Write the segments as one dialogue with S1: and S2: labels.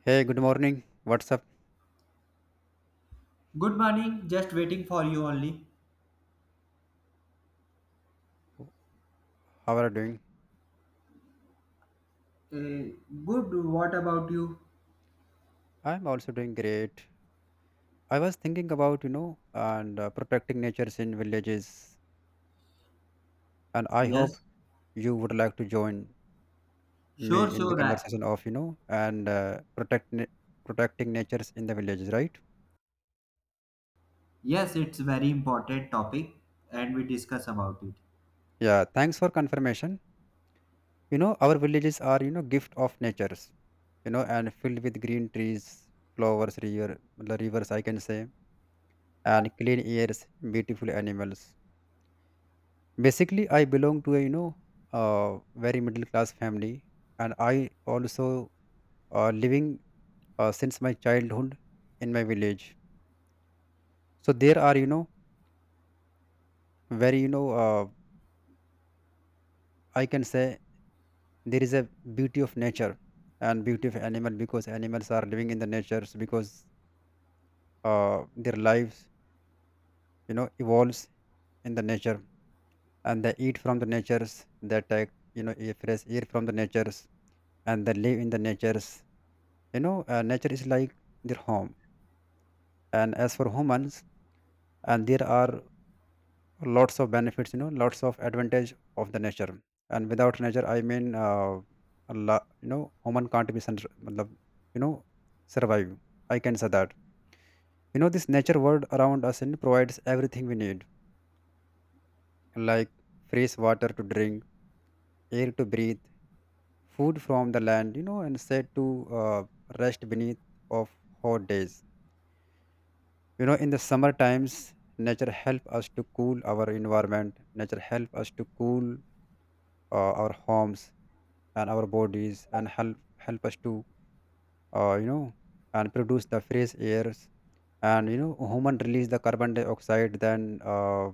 S1: Hey, good morning. What's up?
S2: Good morning, just waiting for you only.
S1: How are you doing?
S2: Mm, Good. What about you?
S1: I'm also doing great. I was thinking about, you know, and protecting natures in villages, and I hope
S2: Yes.
S1: you would like to join me
S2: Sure,
S1: in the
S2: sure.
S1: conversation of, protecting natures in the villages, right?
S2: Yes, it's very important topic and we discuss about it.
S1: Yeah, thanks for confirmation. You know, our villages are, gift of natures, and filled with green trees, flowers, rivers, I can say, and clean airs, beautiful animals. Basically, I belong to a very middle class family, and I also living since my childhood in my village. So there are you know very you know I can say there is a beauty of nature and beauty of animal, because animals are living in the natures, because their lives evolves in the nature, and they eat from the natures, they take air, fresh air from the natures, and they live in the natures. Nature is like their home, and as for humans, and there are lots of benefits, lots of advantage of the nature. And without nature, I mean, a human can't be matlab, you know survive, I can say that. This nature world around us and provides everything we need, like fresh water to drink, air to breathe, food from the land, and set to uh, rest beneath of hot days, in the summer times. Nature help us to cool our environment, nature help us to cool our homes and our bodies, and help us to uh, you know and produce the fresh airs. And you know human release the carbon dioxide, then uh,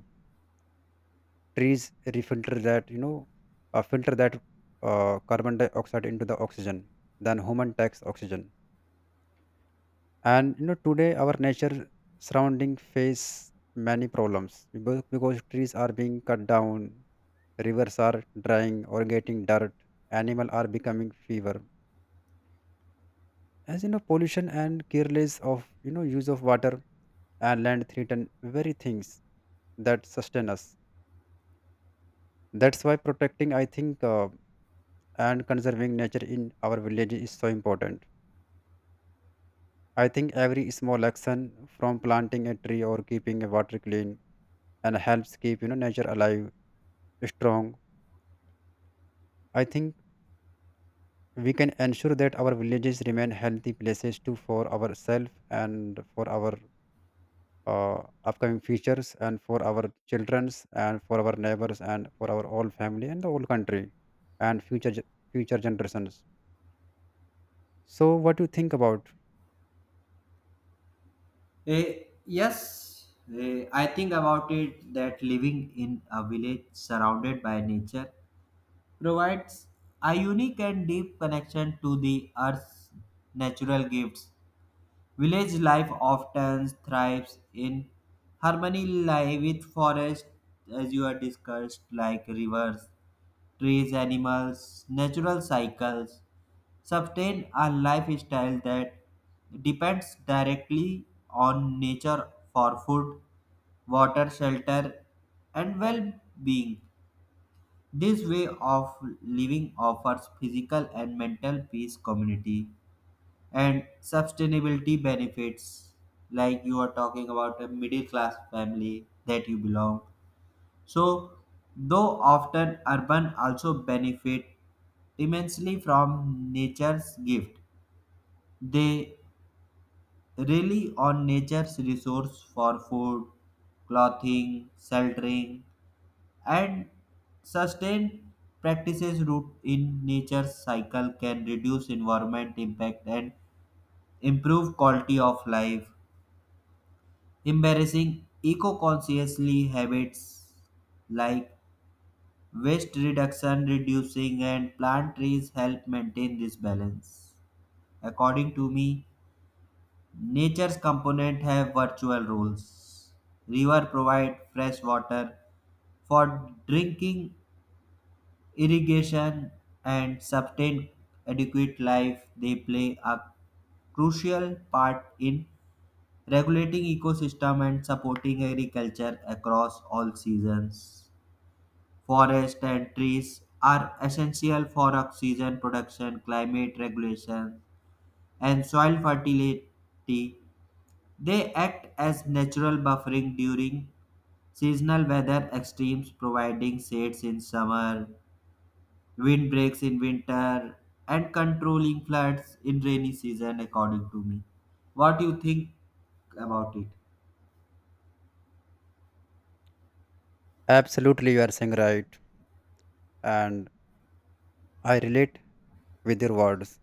S1: trees refilter that you know filter that carbon dioxide into the oxygen, then human takes oxygen. And you know today our nature surrounding face many problems, because trees are being cut down, rivers are drying or getting dirt, animal are becoming fever, as you know pollution and careless of you know use of water and land threaten very things that sustain us. That's why protecting, I think, and conserving nature in our village is so important. I think every small action, from planting a tree or keeping a water clean, and helps keep you know nature alive, strong. I think we can ensure that our villages remain healthy places too, for ourselves and for our upcoming futures, and for our childrens, and for our neighbors, and for our whole family, and the whole country, and future generations. So what do you think about?
S2: Yes, I think about it that living in a village surrounded by nature provides a unique and deep connection to the earth's natural gifts. Village life often thrives in harmony with forest, as you are discussed, like rivers, trees, animals, natural cycles. Sustain a lifestyle that depends directly on nature for food, water, shelter, and well being. This way of living offers physical and mental peace community and sustainability benefits, like you are talking about a middle class family that you belong. So though often urban also benefit immensely from nature's gift, they rely on nature's resource for food, clothing, sheltering, and sustained practices rooted in nature's cycle can reduce environment impact and improve quality of life. Embarrassing eco-consciously habits like waste reduction, reducing and plant trees help maintain this balance. According to me, nature's component have virtual roles. River provide fresh water for drinking, irrigation and sustain adequate life. They play a crucial part in regulating ecosystem and supporting agriculture across all seasons. Forest and trees are essential for oxygen production, climate regulation, and soil fertility. They act as natural buffering during seasonal weather extremes, providing shades in summer, windbreaks in winter, and controlling floods in rainy season according to me. What do you think about it?
S1: Absolutely, you are saying right, and I relate with your words,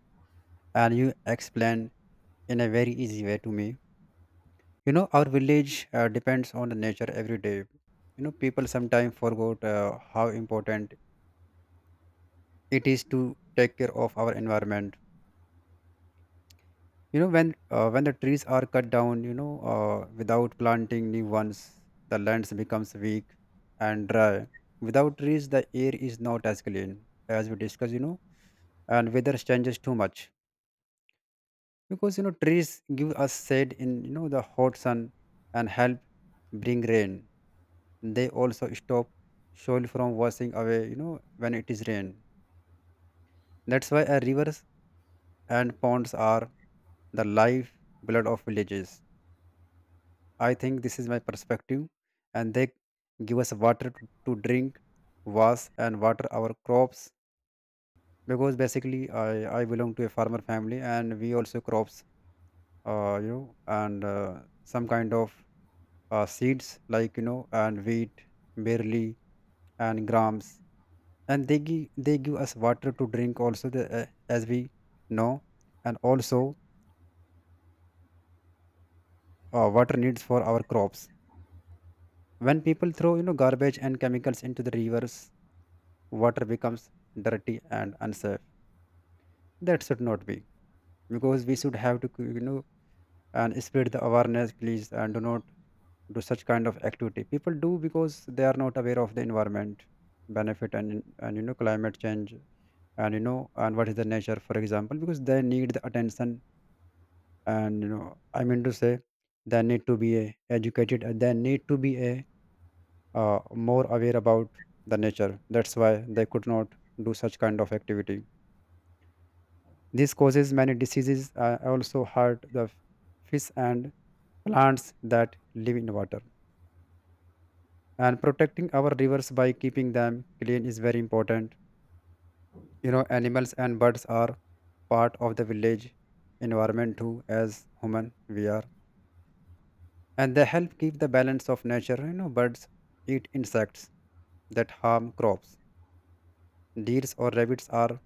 S1: and you explain in a very easy way to me. You know, our village depends on the nature every day. You know, people sometimes forgot how important it is to take care of our environment. You know, when the trees are cut down, you know, without planting new ones, the lands becomes weak and dry. Without trees, the air is not as clean as we discussed. You know, and weather changes too much, because you know trees give us shade in you know the hot sun and help bring rain. They also stop soil from washing away, you know, when it is rain. That's why our rivers and ponds are the life blood of villages, I think this is my perspective, and they give us water to drink, wash and water our crops, because basically I belong to a farmer family, and we also crops you know, and some kind of seeds, like you know and wheat, barley, and grams. And they give us water to drink also the, as we know, and also water needs for our crops. When people throw you know garbage and chemicals into the rivers, water becomes dirty and unsafe. That should not be, because we should have to you know and spread the awareness please, and do not do such kind of activity people do, because they are not aware of the environment benefit, and you know climate change, and you know and what is the nature, for example, because they need the attention. And you know, I mean to say, they need to be a, educated, and they need to be a more aware about the nature. That's why they could not do such kind of activity. This causes many diseases, also hurt fish and plants that live in water, and protecting our rivers by keeping them clean is very important. You know, animals and birds are part of the village environment too, as human we are, and they help keep the balance of nature. You know, birds eat insects that harm crops. Deers or rabbits are,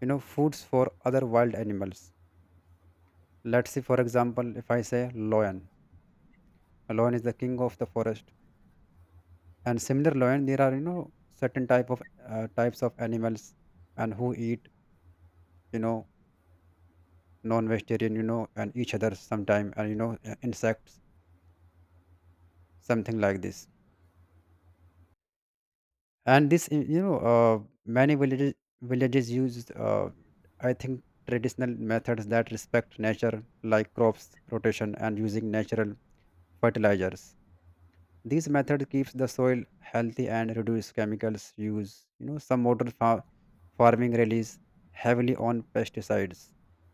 S1: you know, foods for other wild animals. Let's see, for example, if I say lion, a lion is the king of the forest, and similar lion there are, you know, certain type of types of animals, and who eat, you know, non-vegetarian, you know, and each other sometime, and you know insects, something like this. And this, many villages use, I think, traditional methods that respect nature, like crops rotation and using natural fertilizers. These method keeps the soil healthy and reduce chemicals use. You know, some farming relies heavily on pesticides,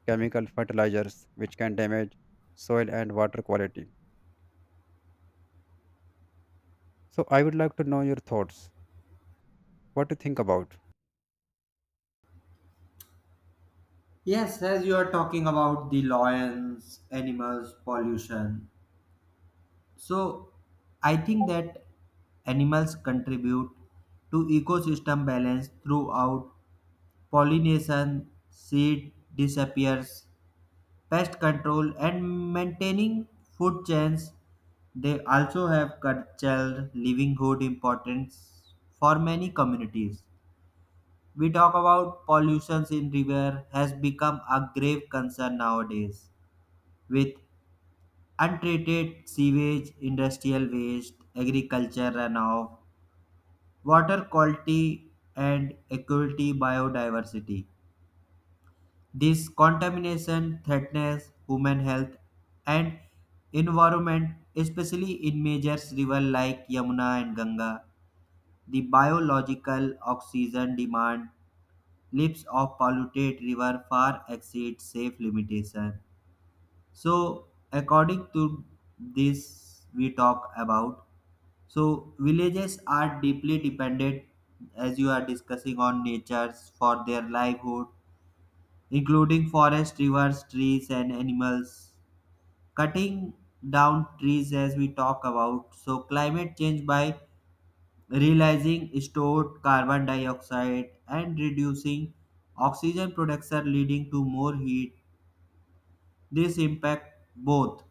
S1: chemical fertilizers, which can damage soil and water quality. So I would like to know your thoughts. What do you think about?
S2: Yes, as you are talking about the lions, animals, pollution. So I think that animals contribute to ecosystem balance throughout pollination, seed disappears, pest control and maintaining food chains. They also have cultural livelihood importance for many communities. We talk about pollutions in river has become a grave concern nowadays with untreated sewage, industrial waste, agriculture runoff, water quality, and equity biodiversity. This contamination threatens human health and environment, especially in major rivers like Yamuna and Ganga. The biological oxygen demand leaps of polluted river far exceeds safe limitation. So, according to this, we talk about. So villages are deeply dependent, as you are discussing, on natures for their livelihood, including forest, rivers, trees, and animals. Cutting down trees, as we talk about, so climate change by realizing stored carbon dioxide and reducing oxygen production, leading to more heat. This impact both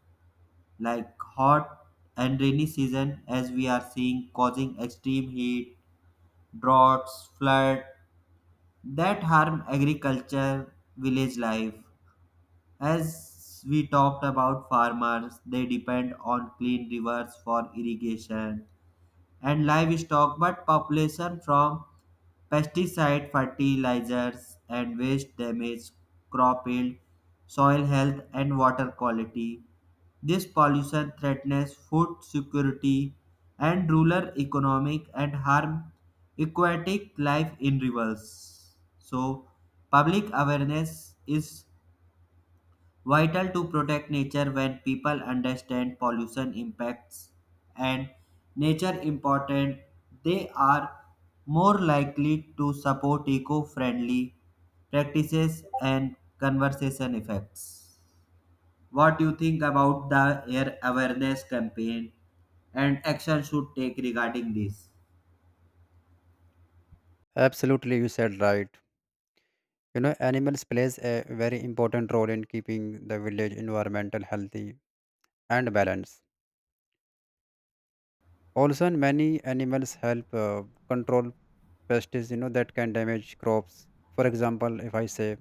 S2: like hot and rainy season, as we are seeing, causing extreme heat, droughts, flood that harm agriculture, village life. As we talked about farmers, they depend on clean rivers for irrigation and livestock, but population from pesticide, fertilizers, and waste damage crop yield, soil health, and water quality. This pollution threatens food security and rural economic and harm aquatic life in rivers. So, public awareness is vital to protect nature. When people understand pollution impacts and nature important, they are more likely to support eco-friendly practices and conservation effects. What do you think about the air awareness campaign and action should take regarding this?
S1: Absolutely, you said right. You know, animals plays a very important role in keeping the village environmental healthy and balanced. Also, and many animals help control pests, you know, that can damage crops. For example, if I say,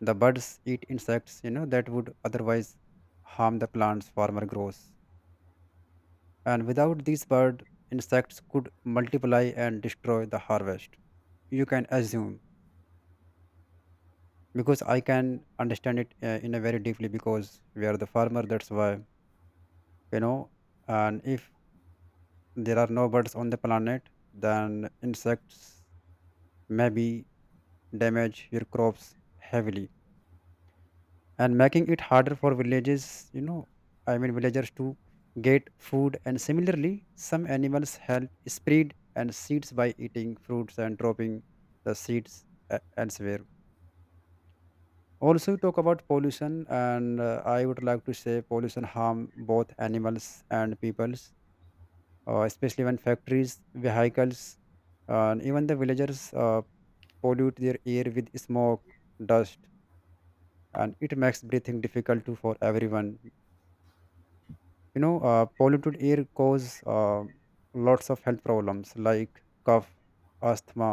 S1: the birds eat insects, you know, that would otherwise harm the plants farmer grows. And without these bird, insects could multiply and destroy the harvest. You can assume, because I can understand it in a very deeply, because we are the farmer, that's why you know. And if there are no birds on the planet, then insects maybe damage your crops heavily, and making it harder for villages, you know, I mean villagers, to get food. And similarly, some animals help spread and seeds by eating fruits and dropping the seeds elsewhere. Also talk about pollution, and I would like to say pollution harm both animals and peoples, especially when factories, vehicles, and even the villagers pollute their air with smoke, dust, and it makes breathing difficult to, for everyone. You know, polluted air cause lots of health problems, like cough, asthma,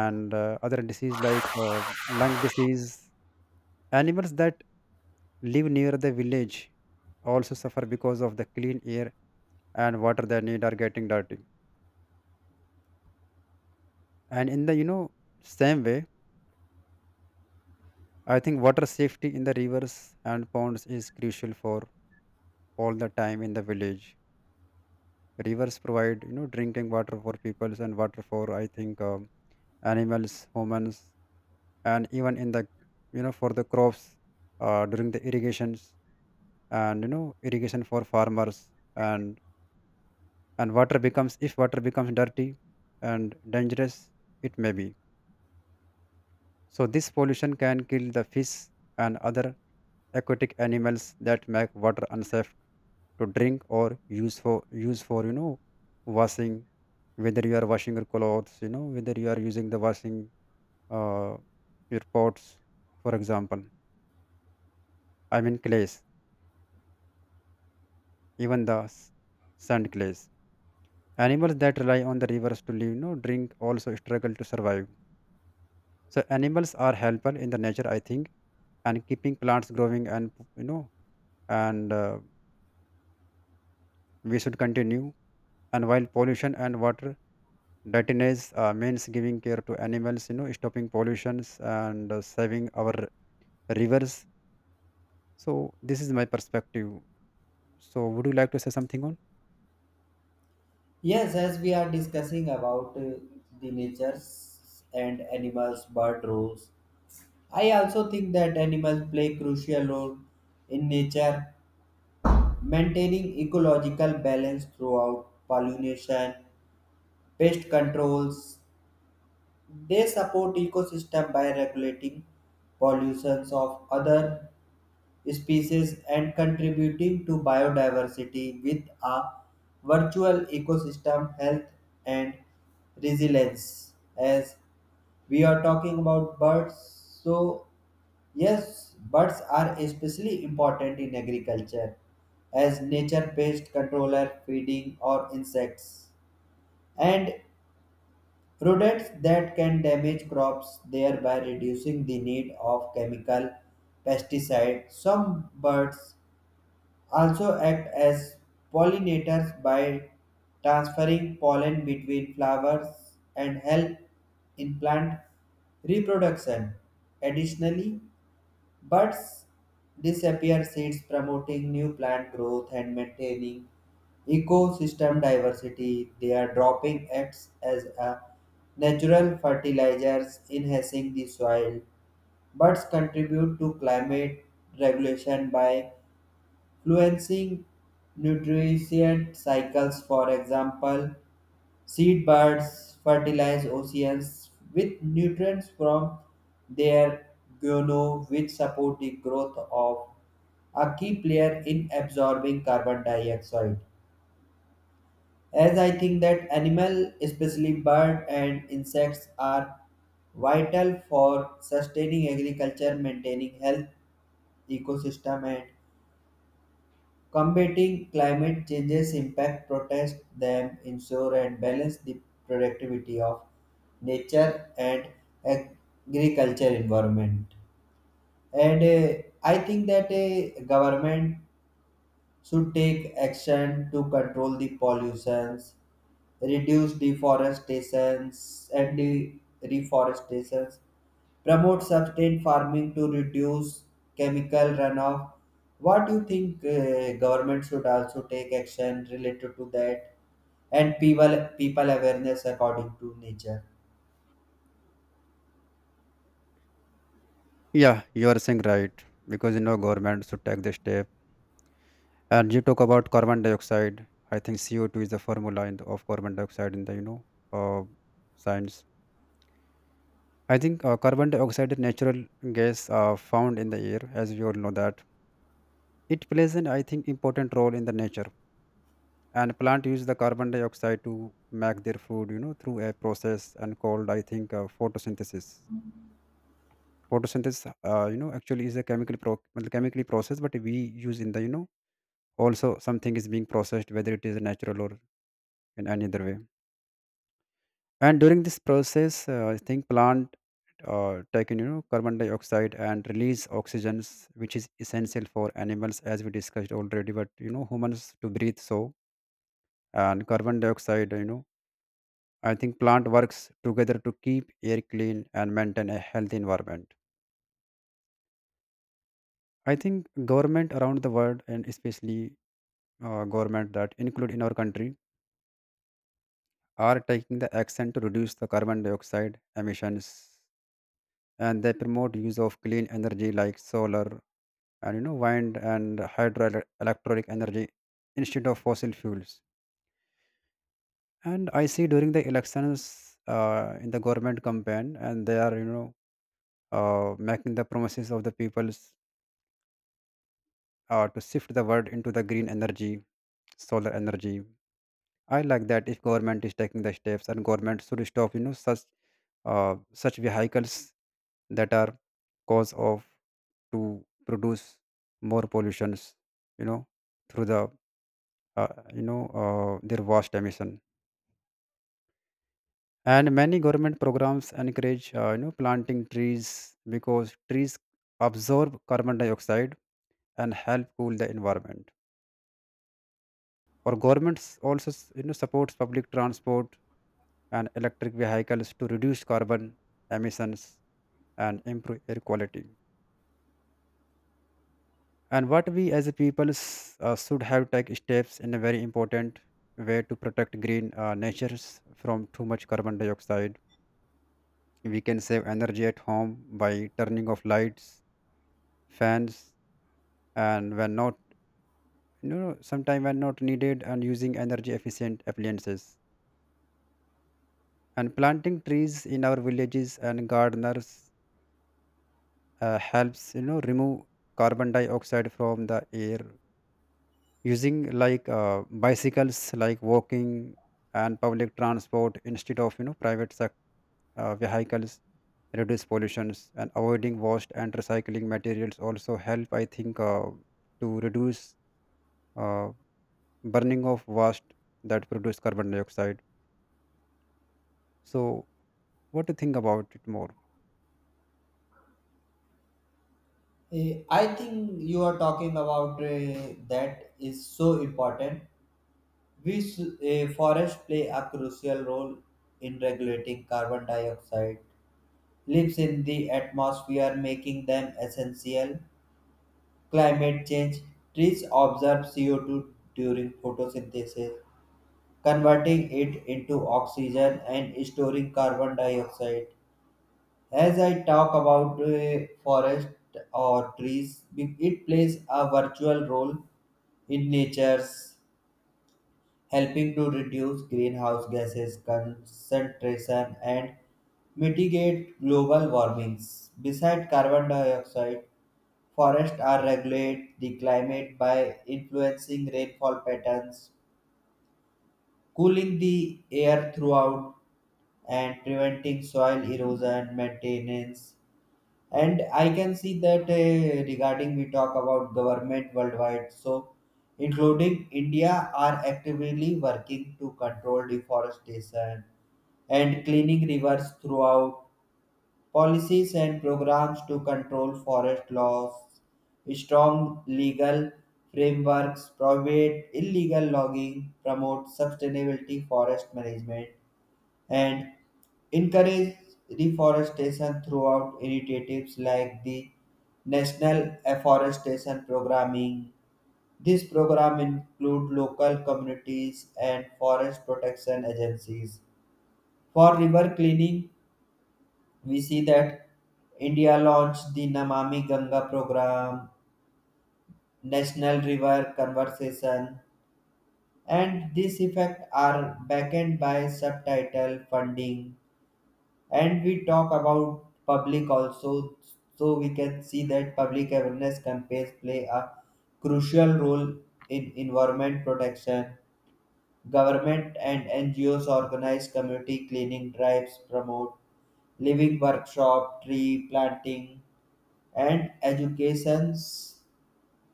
S1: and other disease, like lung disease. Animals that live near the village also suffer because of the clean air and water they need are getting dirty. And in the, you know, same way, I think water safety in the rivers and ponds is crucial for all the time in the village. Rivers provide, you know, drinking water for peoples, and water for, I think, animals, humans, and even in the, you know, for the crops, during the irrigations, and you know irrigation for farmers, and. And water becomes if water becomes dirty and dangerous, it may be, so this pollution can kill the fish and other aquatic animals, that make water unsafe to drink, or use for use for, you know, washing, whether you are washing your clothes, you know, whether you are using the washing uh, your pots, for example, I mean clays, even sand clays. Animals that rely on the rivers to live, you know, drink, also struggle to survive. So animals are helpful in the nature, I think, and keeping plants growing, and you know, and we should continue. And while pollution and water dirtiness means giving care to animals, you know, stopping pollutions and saving our rivers. So this is my perspective. So would you like to say something on?
S2: Yes, as we are discussing about the natures and animals, bird rules, I also think that animals play crucial role in nature, maintaining ecological balance throughout pollination, pest controls. They support ecosystem by regulating pollutions of other species and contributing to biodiversity with a virtual ecosystem health and resilience. As we are talking about birds, so yes, birds are especially important in agriculture as nature pest controller, feeding or insects, and rodents that can damage crops, thereby reducing the need of chemical pesticide. Some birds also act as pollinators by transferring pollen between flowers and help in plant reproduction. Additionally, buds disappear seeds promoting new plant growth and maintaining ecosystem diversity. They are dropping acts as a natural fertilizers enhancing the soil. Buds contribute to climate regulation by influencing nutrient cycles. For example, seed birds fertilize oceans with nutrients from their guano, which support the growth of a key player in absorbing carbon dioxide. As I think that animal, especially bird and insects, are vital for sustaining agriculture, maintaining health ecosystem, and combating climate change's impact, protect them, ensure and balance the productivity of nature and agriculture environment. And I think that government should take action to control the pollutions, reduce deforestations and the reforestations, promote sustained farming to reduce chemical runoff. What do you think government should also take action related to that and people awareness according to nature?
S1: Yeah, you are saying right, because you know government should take the step. And you talk about carbon dioxide. I think CO two is the formula in the, of carbon dioxide in the, you know, uh, science. I think carbon dioxide is natural gas found in the air, as we all know that. It plays an, I think, important role in the nature. And plant use the carbon dioxide to make their food, you know, through a process and called, I think, photosynthesis. Photosynthesis, you know, actually is a well, chemically process, but we use in the, you know, also something is being processed, whether it is natural or in any other way. And during this process, I think plant take in carbon dioxide and release oxygens, which is essential for animals, as we discussed already. But you know humans to breathe, so and carbon dioxide, you know, I think plant works together to keep air clean and maintain a healthy environment. I think government around the world and especially government that include in our country are taking the action to reduce the carbon dioxide emissions, and they promote use of clean energy like solar and, you know, wind and hydroelectric energy instead of fossil fuels. And I see during the elections, in the government campaign, and they are, making the promises of the peoples to shift the world into the green energy, solar energy. I like that if government is taking the steps, and government should stop, you know, such uh, such vehicles that are cause of to produce more pollutions, you know, through the uh, their vast emission. And many government programs encourage you know, planting trees, because trees absorb carbon dioxide and help cool the environment. Or governments also you know, supports public transport and electric vehicles to reduce carbon emissions and improve air quality. And what we as a people should have take steps in a very important way to protect green natures from too much carbon dioxide. We can save energy at home by turning off lights, fans, and when not, you know, sometime when not needed, and using energy efficient appliances. And planting trees in our villages and gardeners helps, you know, remove carbon dioxide from the air. Using like bicycles, like walking and public transport instead of, you know, vehicles, reduce pollutions, and avoiding waste and recycling materials also help, I think, to reduce uh, burning of waste that produce carbon dioxide. So, what do you think about it more?
S2: I think you are talking about that is so important, which forests play a crucial role in regulating carbon dioxide, lives in the atmosphere, making them essential. Climate change trees absorb CO2 during photosynthesis, converting it into oxygen and storing carbon dioxide. As I talk about forest or trees, it plays a virtual role in nature's, helping to reduce greenhouse gases concentration and mitigate global warmings. Besides carbon dioxide, forests are regulate the climate by influencing rainfall patterns, cooling the air throughout, and preventing soil erosion maintenance. And I can see that regarding we talk about government worldwide, so including India are actively working to control deforestation and cleaning rivers throughout policies and programs to control forest loss. Strong legal frameworks prohibit illegal logging, promote sustainability forest management, and encourage reforestation throughout initiatives like the National Afforestation Programming. This program includes local communities and forest protection agencies. For river cleaning, we see that India launched the Namami Ganga program, National River Conversation, and this effect are backed by subtitle funding. And we talk about public also, so we can see that public awareness campaigns play a crucial role in environment protection. Government and NGOs organize community cleaning drives, promote living workshop, tree planting, and educations.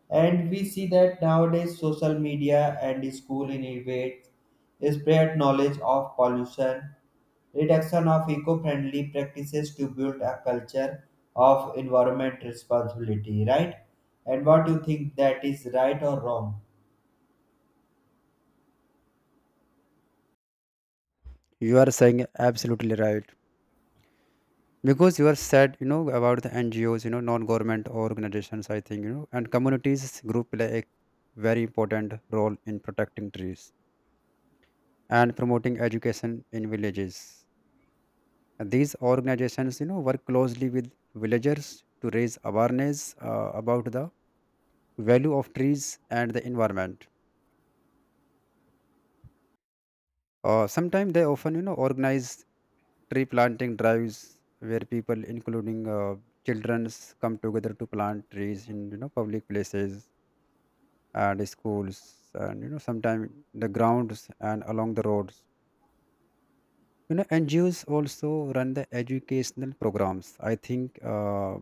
S2: And we see that nowadays social media and school innovate spread knowledge of pollution, reduction of eco-friendly practices to build a culture of environment responsibility, right? And what do you think, that is right or wrong?
S1: You are saying absolutely right, because you are said, you know, about the ngos, you know, non-government organizations, I think, you know, and communities group play a very important role in protecting trees and promoting education in villages. These organizations, you know, work closely with villagers to raise awareness about the value of trees and the environment. Sometimes they often, you know, organize tree planting drives where people, including children, come together to plant trees in, you know, public places and schools, and you know sometimes the grounds and along the roads. You know, NGOs also run the educational programs, I think.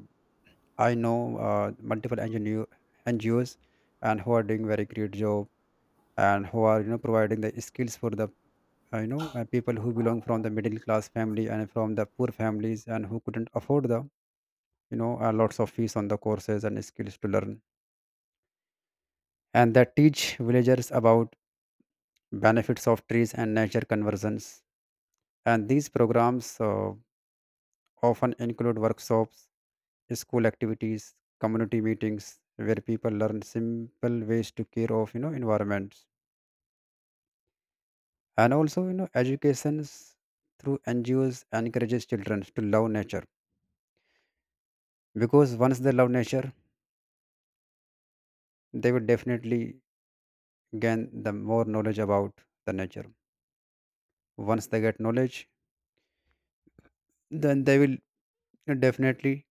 S1: I know multiple NGOs, and who are doing very great job and who are, you know, providing the skills for the people who belong from the middle class family and from the poor families and who couldn't afford the lots of fees on the courses and skills to learn, and that teach villagers about benefits of trees and nature conversions. And these programs often include workshops, school activities, community meetings where people learn simple ways to care of, you know, environments. And also, you know, educations through NGOs encourages children to love nature, because once they love nature, they will definitely gain the more knowledge about the nature. Once they get knowledge, then they will definitely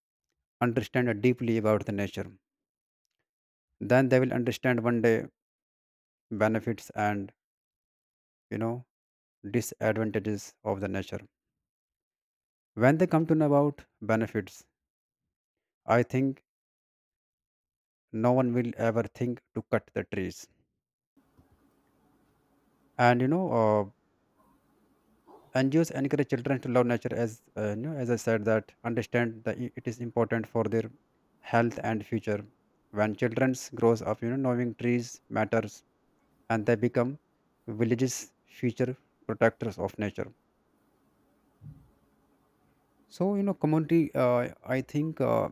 S1: understand deeply about the nature. Then they will understand one day benefits and, you know, disadvantages of the nature. When they come to know about benefits, I think no one will ever think to cut the trees. And you know, NGOs encourage children to love nature, as as I said, that understand that it is important for their health and future. When children grows up, you know, knowing trees matters, and they become villages' future protectors of nature. So you know, community. I think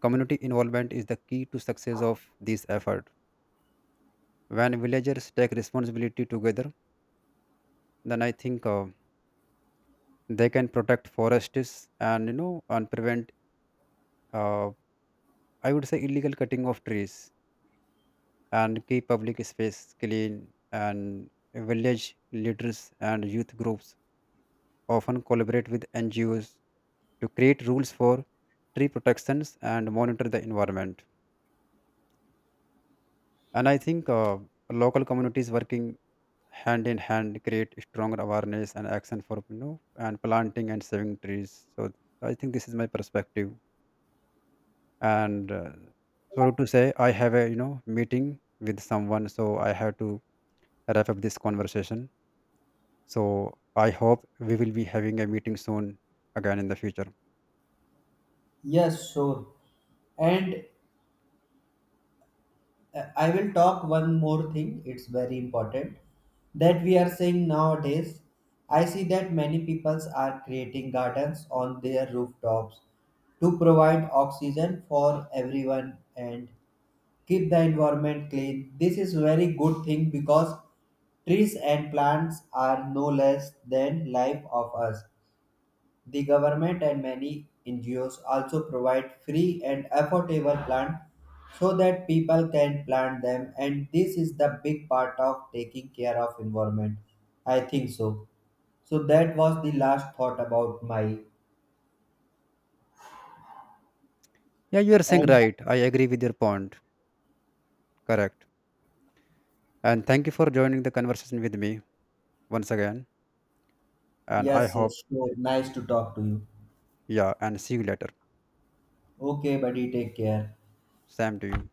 S1: community involvement is the key to success of this effort. When villagers take responsibility together, then I think they can protect forests and, you know, and prevent uh, I would say illegal cutting of trees, and keep public space clean. And village leaders and youth groups often collaborate with NGOs to create rules for tree protections and monitor the environment. And I think local communities working hand in hand create stronger awareness and action for, you know, and planting and saving trees. So I think this is my perspective, and sorry to say I have a, you know, meeting with someone, so I have to wrap up this conversation. So I hope we will be having a meeting soon again in the future.
S2: Yes, sure. And I will talk one more thing. It's very important that we are saying nowadays. I see that many peoples are creating gardens on their rooftops to provide oxygen for everyone and keep the environment clean. This is very good thing because trees and plants are no less than life of us. The government and many NGOs also provide free and affordable plant so that people can plant them, and this is the big part of taking care of environment. I think so. So that was the last thought about my.
S1: Yeah, you are saying
S2: And
S1: right, I agree with your point. Correct. And thank you for joining the conversation with me once again. And I
S2: yes,
S1: hope,
S2: yes, sure. Nice to talk to you.
S1: yeah, and see you later.
S2: Okay, buddy, take care.
S1: Sam to you.